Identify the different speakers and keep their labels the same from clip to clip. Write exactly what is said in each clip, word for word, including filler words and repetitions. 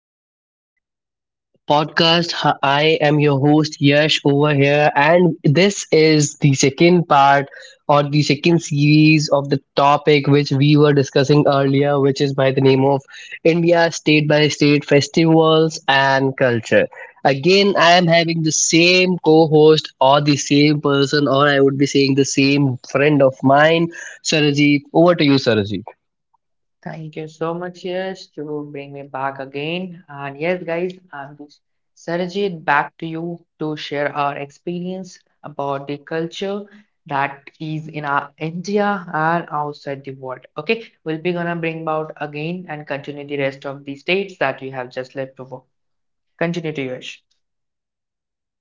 Speaker 1: to the podcast. H- I am your host, Yash, over here. And this is the second part or the second series of the topic which we were discussing earlier, which is by the name of India State by State Festivals and Culture. Again, I am having the same co host or the same person, or I would be saying the same friend of mine, Sarajit. Over to you, Sarajit.
Speaker 2: Thank you so much, Yash, to bring me back again. And yes, guys, I'm just Sarajit back to you to share our experience about the culture that is in our India and outside the world. Okay, we'll be gonna bring about again and continue the rest of the states that we have just left over. Continue to Yash.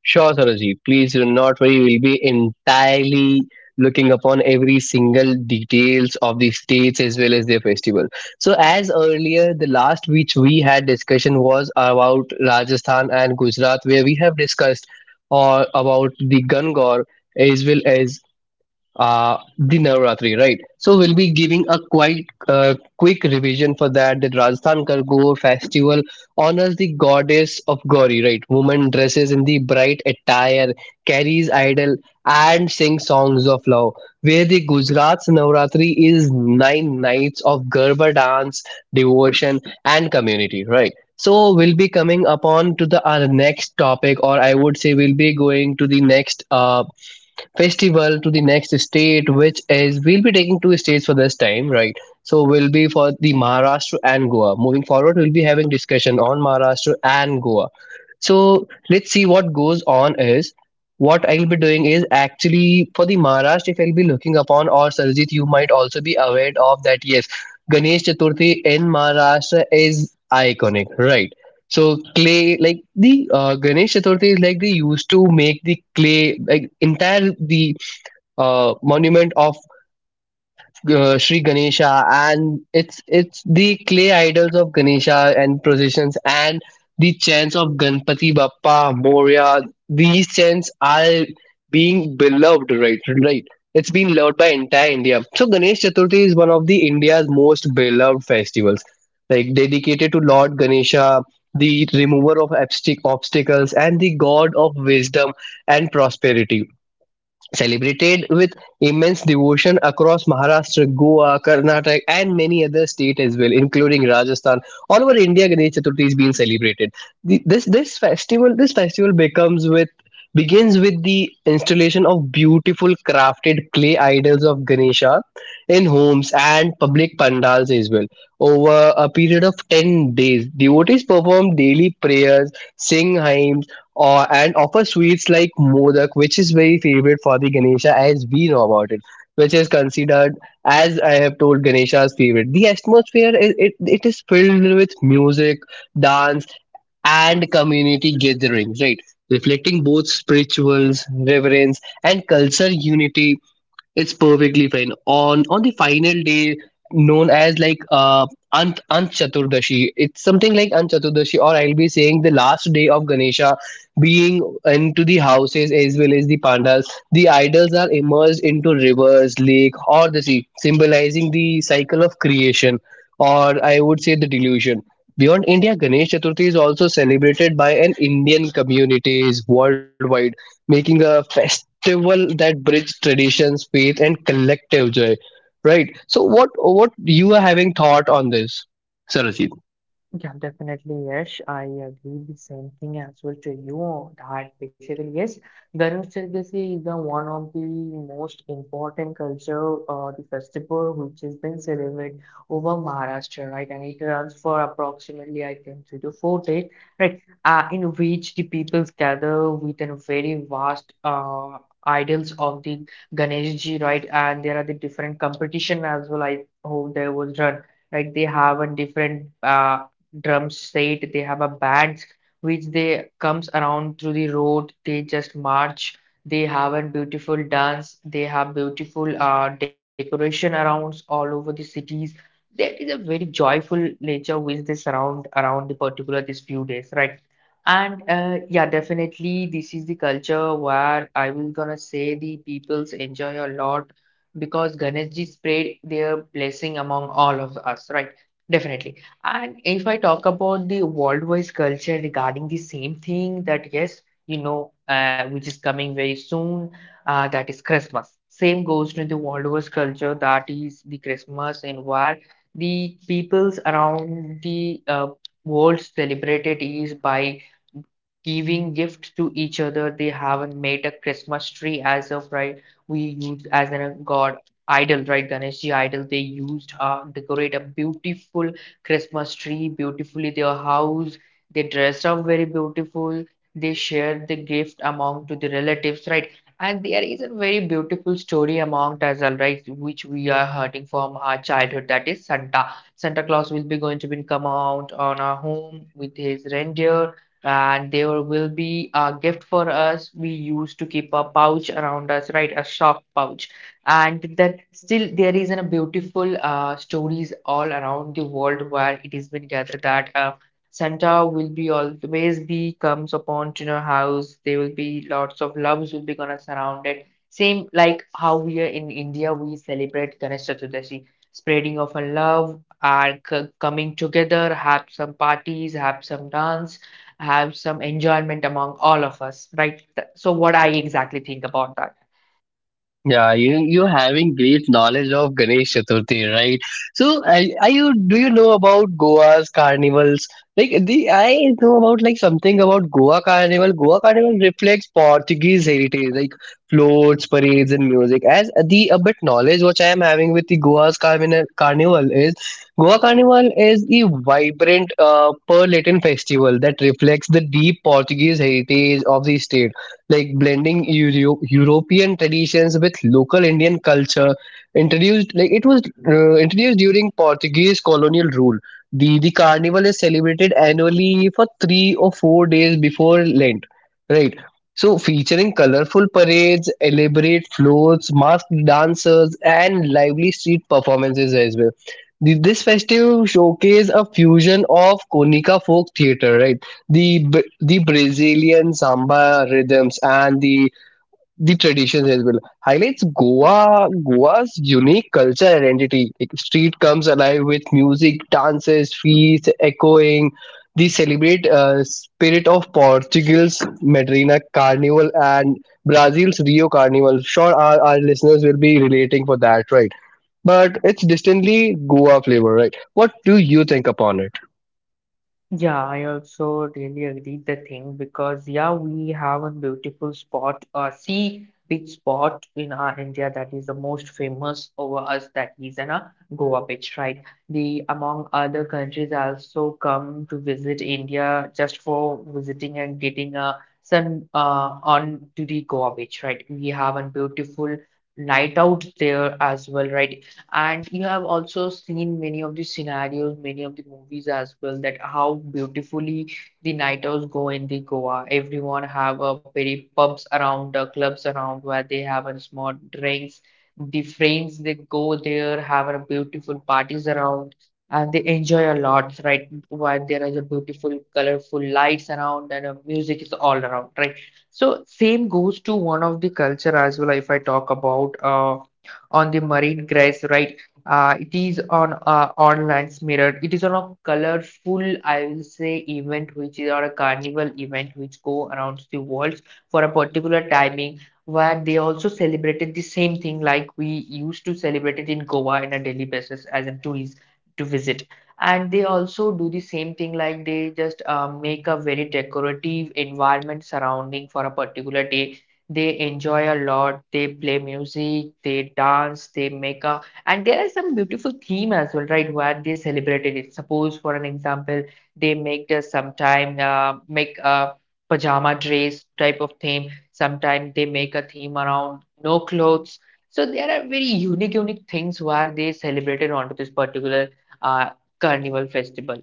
Speaker 1: Sure, Saroji. Please do not worry. We'll be entirely looking upon every single details of the states as well as their festival. So, as earlier, the last which we had discussion was about Rajasthan and Gujarat, where we have discussed or about the Gangor as well as uh, the Navratri, right? So we'll be giving a quite uh, quick revision for that. The Rajasthan Kargor festival honors the goddess of Gauri, right? Woman dresses in the bright attire, carries idol, and sings songs of love. Where the Gujarat's Navratri is nine nights of Garba dance, devotion, and community, right? So we'll be coming upon to the our next topic, or I would say we'll be going to the next uh, festival to the next state, which is we'll be taking two states for this time, right? So we'll be for the Maharashtra and Goa. Moving forward, we'll be having discussion on Maharashtra and Goa. So let's see what goes on is what I'll be doing is actually for the Maharashtra, if I'll be looking upon or Sarjit, you might also be aware of that. Yes, Ganesh Chaturthi in Maharashtra is iconic, right? So clay, like the uh, Ganesh Chaturthi is like they used to make the clay, like entire the uh, monument of uh, Sri Ganesha, and it's it's the clay idols of Ganesha and processions and the chants of Ganpati Bappa Moria. These chants are being beloved, right? Right. It's been loved by entire India. So Ganesh Chaturthi is one of the India's most beloved festivals, like dedicated to Lord Ganesha, the remover of abstic- obstacles and the god of wisdom and prosperity celebrated with immense devotion across Maharashtra, Goa, Karnataka, and many other states as well, including Rajasthan. All over India, Ganesh Chaturthi is being celebrated. The- This this festival this festival becomes with begins with the installation of beautiful crafted clay idols of Ganesha in homes and public pandals as well. Over a period of ten days, devotees perform daily prayers, sing hymns, or and offer sweets like modak, which is very favorite for the Ganesha as we know about it, which is considered as I have told Ganesha's favorite. The atmosphere is it, it is filled with music, dance, and community gatherings, right? Reflecting both spirituals, reverence, and culture unity it's perfectly fine. On on the final day, known as like uh Ant Ant Chaturdashi, it's something like Ant Chaturdashi, or I'll be saying the last day of Ganesha, being into the houses as well as the pandas. The idols are immersed into rivers, lake, or the sea, symbolizing the cycle of creation, or I would say the delusion. Beyond India, Ganesh Chaturthi is also celebrated by an Indian communities worldwide making a festival that bridges traditions, faith, and collective joy. Right. So, what what you are having thought on this, Sarojit?
Speaker 2: Yeah, definitely. Yes, I agree the same thing as well to you that basically, yes, Ganesh Chaturthi is the one of the most important culture, uh, the festival which has been celebrated over Maharashtra, right? And it runs for approximately, I think, three to four days, right? Uh, in which the peoples gather with a very vast, uh, idols of the Ganesh Ji, right? And there are the different competition as well. I hope there was run. Like they have a different uh, drum set, they have a bands which they comes around through the road, they just march, they have a beautiful dance, they have beautiful uh, decoration around all over the cities. There is a very joyful nature which they surround around the particular these few days, right? And uh, yeah, definitely this is the culture where I will gonna say the peoples enjoy a lot, because Ganesh Ji spread their blessing among all of us, right? Definitely. And if I talk about the worldwide culture regarding the same thing, that yes, you know, uh, which is coming very soon, uh, that is Christmas. Same goes to the worldwide culture, that is the Christmas, and where the peoples around the uh, world celebrate it is by giving gifts to each other. They haven't made a Christmas tree as of right. We use as a god idol, right? Ganeshji idol. They used uh, decorate a beautiful Christmas tree beautifully their house. They dressed up very beautiful. They shared the gift among to the relatives, right? And there is a very beautiful story among us, all right, which we are hurting from our childhood. That is Santa. Santa Claus will be going to be come out on our home with his reindeer, and there will be a gift for us. We used to keep a pouch around us, right? A shock pouch. And then still there is a beautiful uh, stories all around the world where it has been gathered that uh, Santa will be always be comes upon to your house. There will be lots of loves will be gonna surround it. Same like how we are in India, we celebrate Ganesh Chaturdashi, spreading of a love and c- coming together, have some parties, have some dance, have some enjoyment among all of us, right? Th- So, what I exactly think about that.
Speaker 1: Yeah, you you having great knowledge of Ganesh Chaturthi, right? So, are, are you do you know about Goa's carnivals? Like the I know about like something about Goa Carnival. Goa Carnival reflects Portuguese heritage, like floats, parades, and music. As the a bit knowledge which I am having with the Goa's Carnival Carnival is Goa Carnival is a vibrant uh, Latin festival that reflects the deep Portuguese heritage of the state like blending Euro- European traditions with local Indian culture. Introduced like it was uh, introduced during Portuguese colonial rule. The the carnival is celebrated annually for three or four days before Lent, right? So featuring colorful parades, elaborate floats, masked dancers, and lively street performances as well. Th- This festival showcase a fusion of Konika folk theater, right? the Bra- the Brazilian samba rhythms and the the traditions as well highlights Goa Goa's unique culture identity. Like street comes alive with music, dances, feasts, echoing. They celebrate uh, spirit of Portugal's Madrina Carnival and Brazil's Rio Carnival. Sure, our, our listeners will be relating for that, right? But it's distantly Goa flavor, right? What do you think upon it?
Speaker 2: Yeah, I also really agree the thing, because yeah, we have a beautiful spot, a sea beach spot in our India that is the most famous over us, that is in a Goa beach, right? The among other countries also come to visit India just for visiting and getting a sun uh, on to the Goa beach, right? We have a beautiful night out there as well, right? And you have also seen many of the scenarios, many of the movies as well, that how beautifully the night owls go in the Goa. Everyone have a very pubs around, uh, clubs around where they have a small drinks. The friends they go there, have a beautiful parties around, and they enjoy a lot, right? Where there is a beautiful, colorful lights around and uh, music is all around, right? So same goes to one of the culture as well. If I talk about uh, on the marine grass, right? Uh, it is on uh, on lands mirrored. It is on a colorful, I will say, event, which is on a carnival event which go around the world for a particular timing, where they also celebrated the same thing like we used to celebrate it in Goa in a daily basis as a tourist to visit. And they also do the same thing, like they just uh, make a very decorative environment surrounding for a particular day, they enjoy a lot. They play music, they dance, they make a, and there are some beautiful theme as well, right? Where they celebrated it. Suppose, for an example, they make the sometime uh, make a pajama dress type of theme. Sometimes they make a theme around no clothes. So there are very unique, unique things where they celebrated onto this particular uh, carnival festival.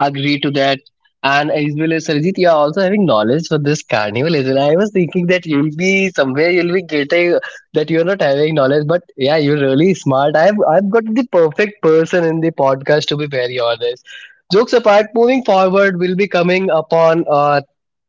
Speaker 1: Agree to that. And as well as Sarjit, you are also having knowledge for this carnival as well. I was thinking that you'll be somewhere you'll be getting that you're not having knowledge, but yeah, you're really smart. I've I've got the perfect person in the podcast to be very honest. Jokes apart, moving forward, we'll be coming upon a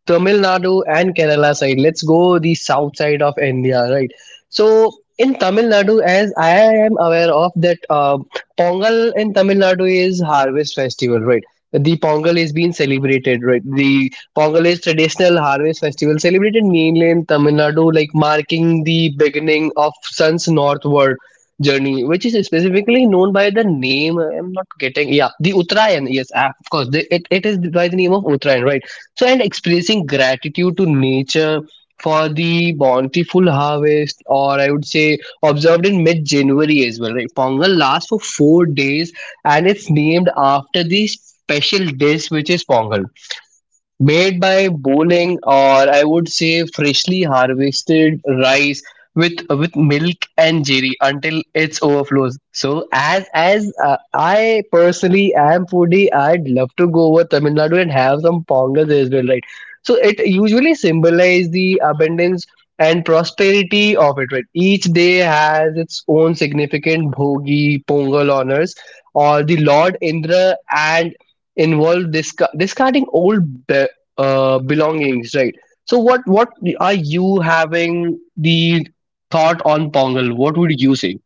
Speaker 1: Tamil Nadu and Kerala side. Let's go the south side of India, right? So in Tamil Nadu, as I am aware of that, uh, Pongal in Tamil Nadu is harvest festival, right? The Pongal is being celebrated, right? The Pongal is traditional harvest festival celebrated mainly in Tamil Nadu, like marking the beginning of sun's northward journey, which is specifically known by the name. I'm not getting, yeah, the Uttarayan. Yes, ah, of course, the, it, it is by the name of Uttarayan, right? So, and expressing gratitude to nature for the bountiful harvest, or I would say observed in mid January as well. Right? Pongal lasts for four days and it's named after the special dish which is Pongal made by boiling or I would say freshly harvested rice with with milk and jerry until it overflows. So as as uh, I personally am foodie, I'd love to go over Tamil Nadu and have some pongas as well, right? So it usually symbolizes the abundance and prosperity of it, right? Each day has its own significant bhogi, pongal honors, or the Lord Indra and involve disca- discarding old uh, belongings, right? So what what are you having the thought on Pongal? What would you say?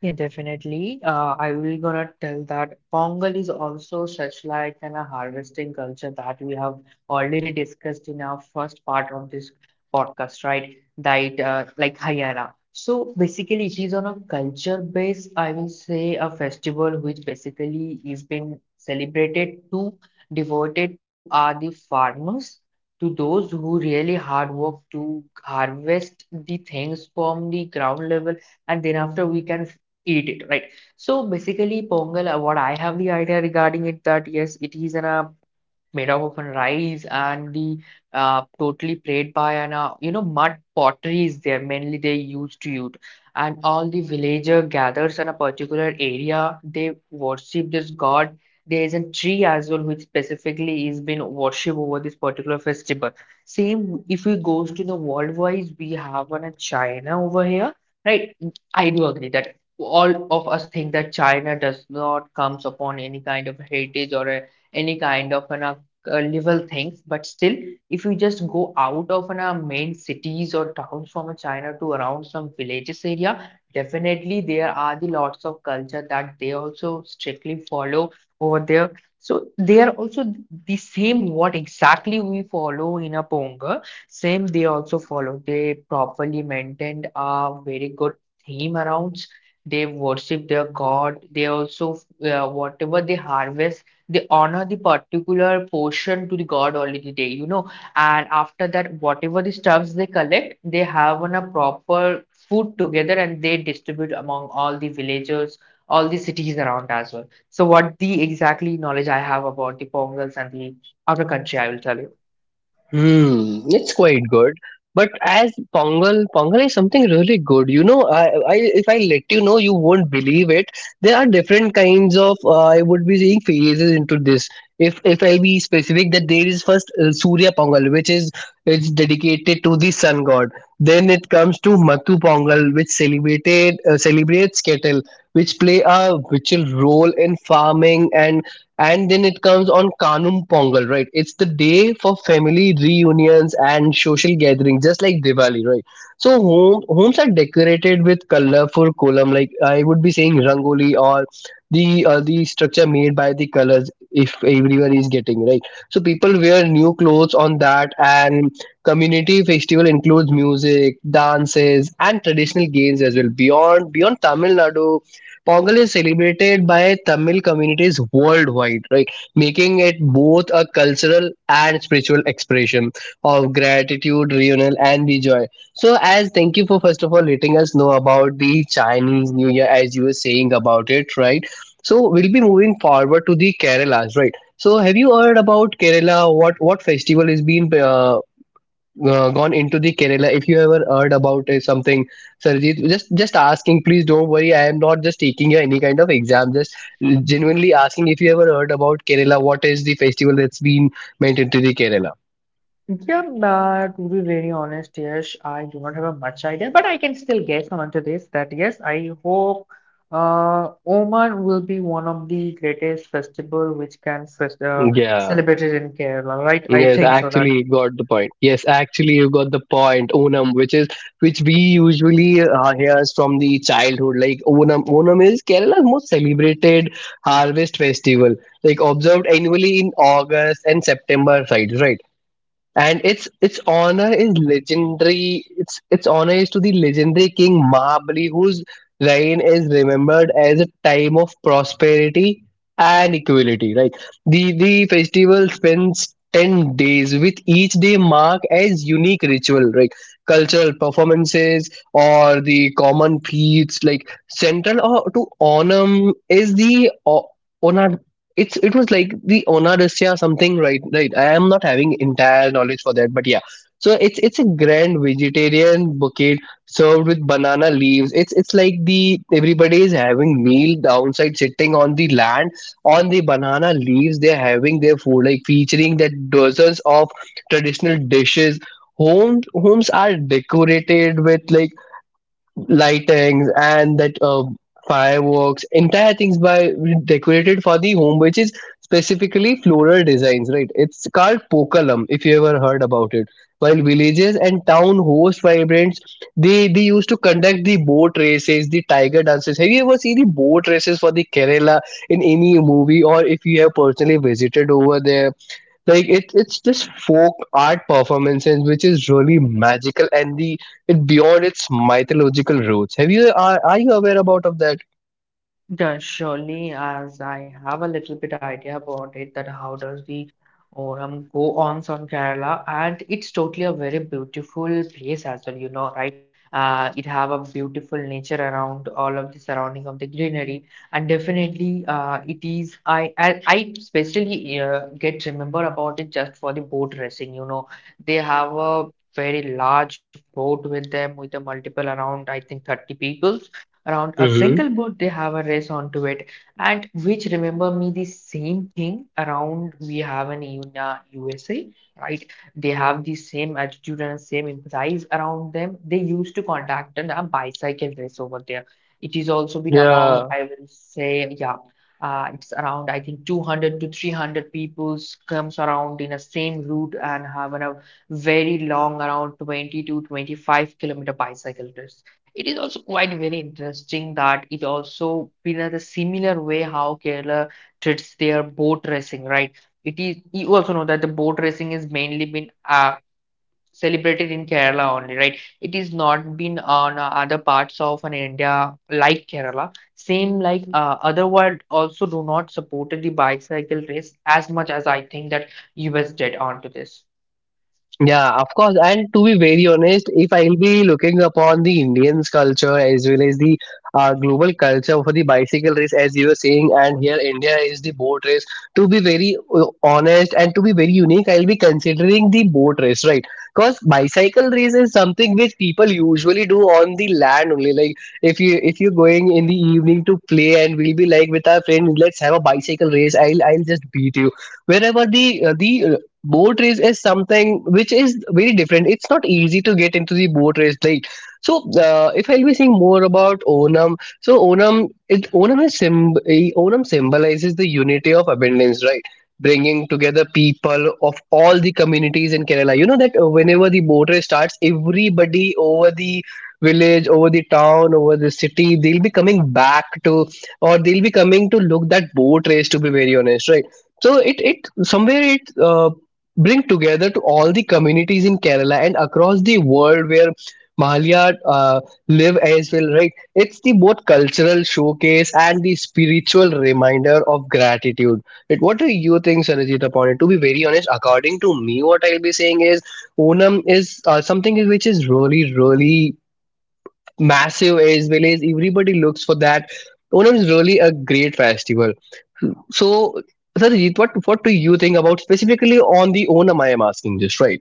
Speaker 2: Yeah, definitely. Uh, I will gonna tell that Pongal is also such like an a harvesting culture that we have already discussed in our first part of this podcast, right? That uh, like Haryana. So basically, it is on a culture base. I will say a festival which basically is being celebrated to devoted to are the farmers, to those who really hard work to harvest the things from the ground level, and then after we can eat it, right? So basically, Pongal, uh, what I have the idea regarding it, that yes, it is an uh, made up of a rice and the uh, totally played by an uh, you know, mud pottery is there, mainly they used to use, and all the villager gathers in a particular area, they worship this god. There is a tree as well which specifically is been worshiped over this particular festival. Same if we goes to the world wise, we have one in China over here, right? I do agree that all of us think that China does not comes upon any kind of heritage or a any kind of an uh, uh, level things, but still if you just go out of an, uh, main cities or towns from uh, china to around some villages area, definitely there are the lots of culture that they also strictly follow over there. So they are also th- the same what exactly we follow in a ponga, same they also follow. They properly maintained a very good theme around, they worship their god. They also uh, whatever they harvest, they honor the particular portion to the god already day, you know. And after that, whatever the stuffs they collect, they have on a proper food together, and they distribute among all the villagers, all the cities around as well. So what the exactly knowledge I have about the pongals and the other country, I will tell you.
Speaker 1: Hmm, it's quite good. But as Pongal, Pongal is something really good. You know, I, I if I let you know, you won't believe it. There are different kinds of. Uh, I would be seeing phases into this. If if I'll be specific, that there is first uh, Surya Pongal, which is it's dedicated to the sun god. Then it comes to Matu Pongal, which celebrated uh, celebrates cattle, which play a vital role in farming and and then it comes on Kanum Pongal, right? It's the day for family reunions and social gatherings, just like Diwali, right? So home, homes are decorated with colorful kolam, like I would be saying rangoli or the uh, the structure made by the colors. If everyone is getting right, so people wear new clothes on that, and community festival includes music, dances, and traditional games as well. Beyond beyond Tamil Nadu, Pongal is celebrated by Tamil communities worldwide, right? Making it both a cultural and spiritual expression of gratitude, reunion, and the joy. So, as thank you for first of all letting us know about the Chinese New Year, as you were saying about it, right? So, we'll be moving forward to the Kerala's, right? So, have you heard about Kerala? What what festival is being uh, uh, gone into the Kerala, if you ever heard about uh, something, Sarjeet, just just asking, please don't worry. I am not just taking you any kind of exam. Just genuinely asking if you ever heard about Kerala. What is the festival that's been meant into the Kerala?
Speaker 2: Yeah, uh, to be very honest, yes, I do not have a much idea, but I can still guess onto this that yes, I hope uh, Oman will be one of the greatest festival which can fest uh,
Speaker 1: Yeah.
Speaker 2: celebrated in Kerala, right? I
Speaker 1: Yes,
Speaker 2: think so that.
Speaker 1: actually you got the point. Yes, actually you got the point. Onam, which is which we usually uh, hears from the childhood. Like Onam, Onam is Kerala's most celebrated harvest festival. Like observed annually in August and September, right? Right. And its its honor is legendary. Its its honor is to the legendary king Mahabali, whose reign is remembered as a time of prosperity and equality. Right, the the festival spends ten days, with each day marked as unique ritual, right, cultural performances or the common feats. Like central or to Onam is the it's it was like the onarusya something, right, right, I am not having entire knowledge for that, but yeah, so it's it's a grand vegetarian buffet served with banana leaves. It's it's like the everybody is having meal downside sitting on the land on the banana leaves they're having their food, like featuring that dozens of traditional dishes. Homes homes are decorated with like lightings and that uh, fireworks, entire things by decorated for the home, which is specifically floral designs, right? It's called pokalam, if you ever heard about it. While villages and town host vibrants, they they used to conduct the boat races, the tiger dances. Have you ever seen the boat races for the Kerala in any movie, or if you have personally visited over there? Like it, it's this folk art performance and which is really magical and the it beyond its mythological roots. Have you are, are you aware about of that?
Speaker 2: Yeah, surely, as I have a little bit idea about it, that how does the Oram go on on Kerala, and it's totally a very beautiful place as well, you know, right? Uh, it have a beautiful nature around all of the surrounding of the greenery, and definitely, uh, it is. I I, I especially uh, get remember about it just for the boat racing, you know, they have a very large boat with them with a multiple around, I think, thirty people around a
Speaker 1: Mm-hmm.
Speaker 2: single boat, they have a race onto it, and which remember me the same thing around we have in Una USA, right? They have the same attitude and same empathize around them. They used to conduct a bicycle race over there. It is also been among,
Speaker 1: Yeah,
Speaker 2: I will say, yeah, uh, it's around, I think, two hundred to three hundred peoples comes around in a same route and have a very long around twenty to twenty-five kilometer bicycle race. It is also quite very interesting that it also been at a similar way how Kerala treats their boat racing, right? It is you also know that the boat racing is mainly been uh, celebrated in Kerala only, right? It is not been on uh, other parts of an India like Kerala. Same like uh, other world also do not support the bicycle race as much as I think that U S did onto this.
Speaker 1: Yeah, of course. And to be very honest, if I'll be looking upon the Indian's culture as well as the uh, global culture for the bicycle race, as you were saying, and here India is the boat race. To be very uh, honest and to be very unique, I'll be considering the boat race, right? Because bicycle race is something which people usually do on the land only. Like if you if you're going in the evening to play, and we'll be like with our friend, let's have a bicycle race. I'll I'll just beat you wherever the uh, the boat race is something which is very different. It's not easy to get into the boat race, right? So uh, if I'll be saying more about Onam, so Onam it onam is symb- eh, onam symbolizes the unity of abundance, right? Bringing together people of all the communities in Kerala. You know that uh, whenever the boat race starts, everybody over the village, over the town, over the city, they'll be coming back to or they'll be coming to look that boat race, to be very honest, right? So it it somewhere it uh, bring together to all the communities in Kerala and across the world where Mahalia uh, live as well, right? It's the both cultural showcase and the spiritual reminder of gratitude. But what do you think, Sarajit, upon it? To be very honest, according to me, what I'll be saying is Onam is uh, something which is really, really massive as well as everybody looks for that. Onam is really a great festival. So, Sarojit, what what do you think about specifically on the Onam? I am asking this, right?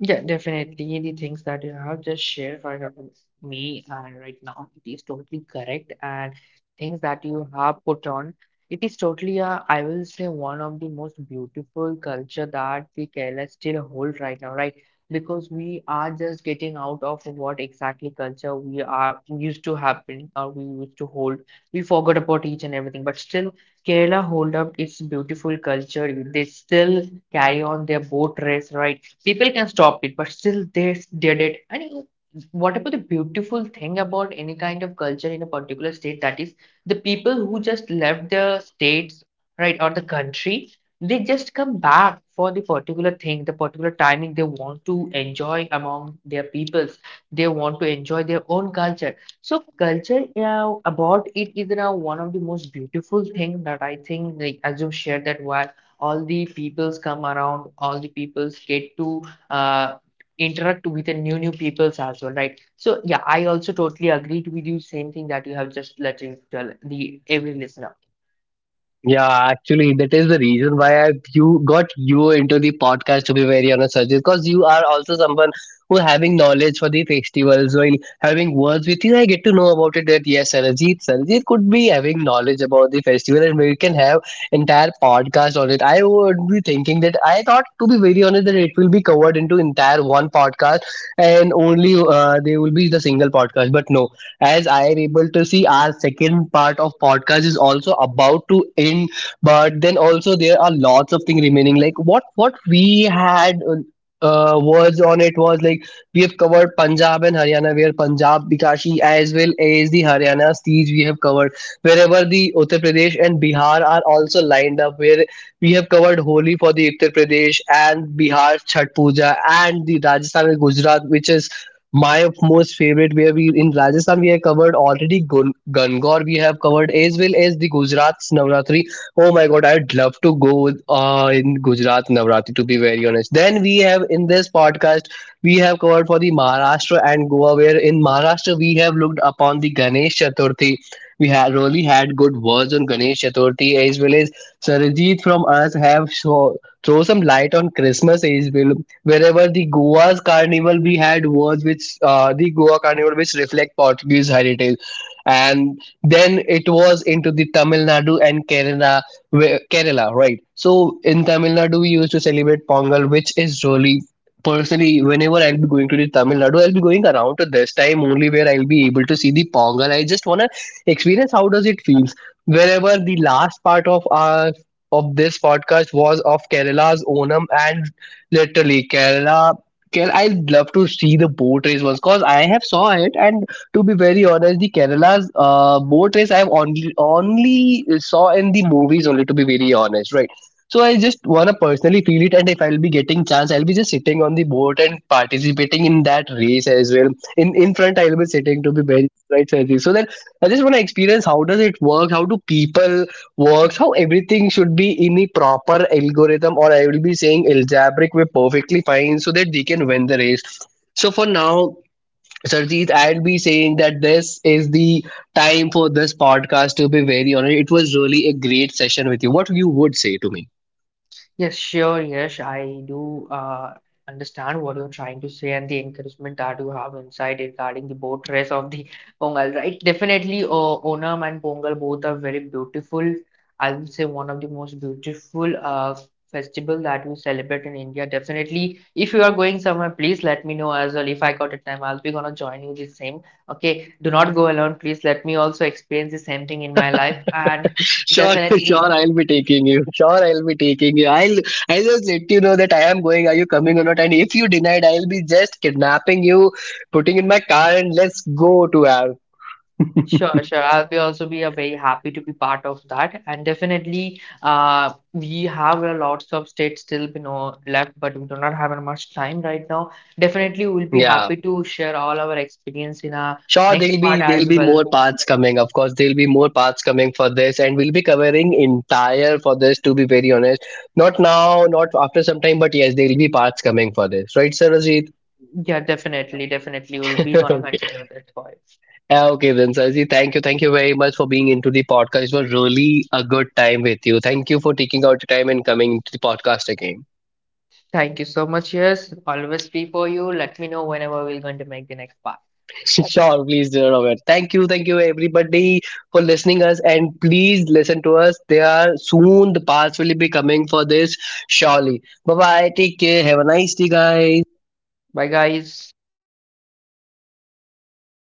Speaker 2: Yeah, definitely. The things that you have just shared right up with me and right now, it is totally correct. And things that you have put on, it is totally a, I will say one of the most beautiful culture that the Kerala still hold right now, right? Because we are just getting out of what exactly culture we are used to happen or we used to hold. We forgot about each and everything, but still Kerala hold up its beautiful culture. They still carry on their boat race, right? People can stop it, but still they s- did it. And you know, whatever the beautiful thing about any kind of culture in a particular state, that is the people who just left their states, right, or the country, they just come back for the particular thing, the particular timing, they want to enjoy among their peoples, they want to enjoy their own culture. So culture uh, about it is now one of the most beautiful thing that I think, like as you shared, that why all the peoples come around, all the peoples get to uh, interact with the new new peoples as well, right? So yeah, I also totally agreed with you same thing that you have just letting tell the every listener.
Speaker 1: Yeah, actually, that is the reason why I you got you into the podcast. To be very honest, Sajid, because you are also someone who having knowledge for the festivals. While having words with you, I get to know about it. That yes, Sarajit, Sarajit could be having knowledge about the festival, and we can have entire podcast on it. I would be thinking that I thought, to be very honest, that it will be covered into entire one podcast, and only uh, there will be the single podcast. But no, as I am able to see our second part of podcast is also about to end, but then also there are lots of things remaining. Like what what we had uh, uh, words on it was like we have covered Punjab and Haryana, where Punjab Bikashi as well as the Haryana siege we have covered. Wherever the Uttar Pradesh and Bihar are also lined up, where we have covered Holi for the Uttar Pradesh and Bihar Chhat Puja and the Rajasthan and Gujarat, which is my most favorite, where we in Rajasthan we have covered already Gun- Gangor we have covered as well as the Gujarat's Navratri. Oh my god, I'd love to go with, uh, in Gujarat Navratri, to be very honest. Then we have in this podcast we have covered for the Maharashtra and Goa, where in Maharashtra we have looked upon the Ganesh Chaturthi. We have really had good words on Ganesh Chaturthi, as well as Sarajit from us have show, throw some light on Christmas as well, wherever the Goa's carnival we had was, which uh, the Goa carnival which reflect Portuguese heritage. And then it was into the Tamil Nadu and Kerala where, Kerala, right? So in Tamil Nadu we used to celebrate Pongal, which is really personally whenever I'll be going to the Tamil Nadu, I'll be going around to this time only, where I'll be able to see the Pongal. I just wanna experience how does it feels, wherever the last part of our of this podcast was of Kerala's Onam. And literally, Kerala. Kerala, I'd love to see the boat race once, because I have saw it, and to be very honest, the Kerala's uh, boat race I've only only saw in the movies only. To be very honest, right? So I just wanna personally feel it, and if I'll be getting chance, I'll be just sitting on the boat and participating in that race as well. In in front, I'll be sitting, to be very right, Sarji. So that I just wanna experience how does it work, how do people works, how everything should be in a proper algorithm, or I will be saying algebraic way, perfectly fine so that they can win the race. So for now, Sarjeet, I'll be saying that this is the time for this podcast, to be very honest. It was really a great session with you. What you would say to me?
Speaker 2: Yes, sure. Yes, I do uh, understand what you're trying to say and the encouragement that you have inside regarding the boat race of the Pongal, right? Definitely, uh, Onam and Pongal both are very beautiful. I would say one of the most beautiful uh, festival that we celebrate in India. Definitely, if you are going somewhere, please let me know as well. If I got a time, I'll be gonna join you the same. Okay, do not go alone. Please let me also experience the same thing in my life and
Speaker 1: Sure, sure,
Speaker 2: definitely.
Speaker 1: I'll be taking you. Sure, I'll be taking you. I'll I'll just let you know that I am going. Are you coming or not? And if you denied, I'll be just kidnapping you, putting in my car, and let's go to our.
Speaker 2: Sure, sure. I'll be also be a very happy to be part of that. And definitely, uh, we have a lots of states still you know left, but we do not have much time right now. Definitely, we'll be
Speaker 1: Yeah.
Speaker 2: happy to share all our experience in our
Speaker 1: Sure, there'll
Speaker 2: next part
Speaker 1: be there'll
Speaker 2: as
Speaker 1: be
Speaker 2: well.
Speaker 1: more parts coming. Of course, there'll be more parts coming for this, and we'll be covering entire for this. To be very honest, not now, not after some time, but yes, there'll be parts coming for this, right, Sarojit?
Speaker 2: Yeah, definitely, definitely, we'll be gonna
Speaker 1: Okay.
Speaker 2: continue that part.
Speaker 1: Uh, okay, then Sarojit, thank you, thank you very much for being into the podcast. It was really a good time with you. Thank you for taking out the time and coming to the podcast again.
Speaker 2: Thank you so much. Yes, always be for you. Let me know whenever we're going to make the next part.
Speaker 1: Sure, please, dear Robert. Thank you, thank you, everybody, for listening us, and please listen to us. They are soon. The parts will be coming for this, surely. Bye bye. Take care. Have a nice day, guys.
Speaker 2: Bye, guys.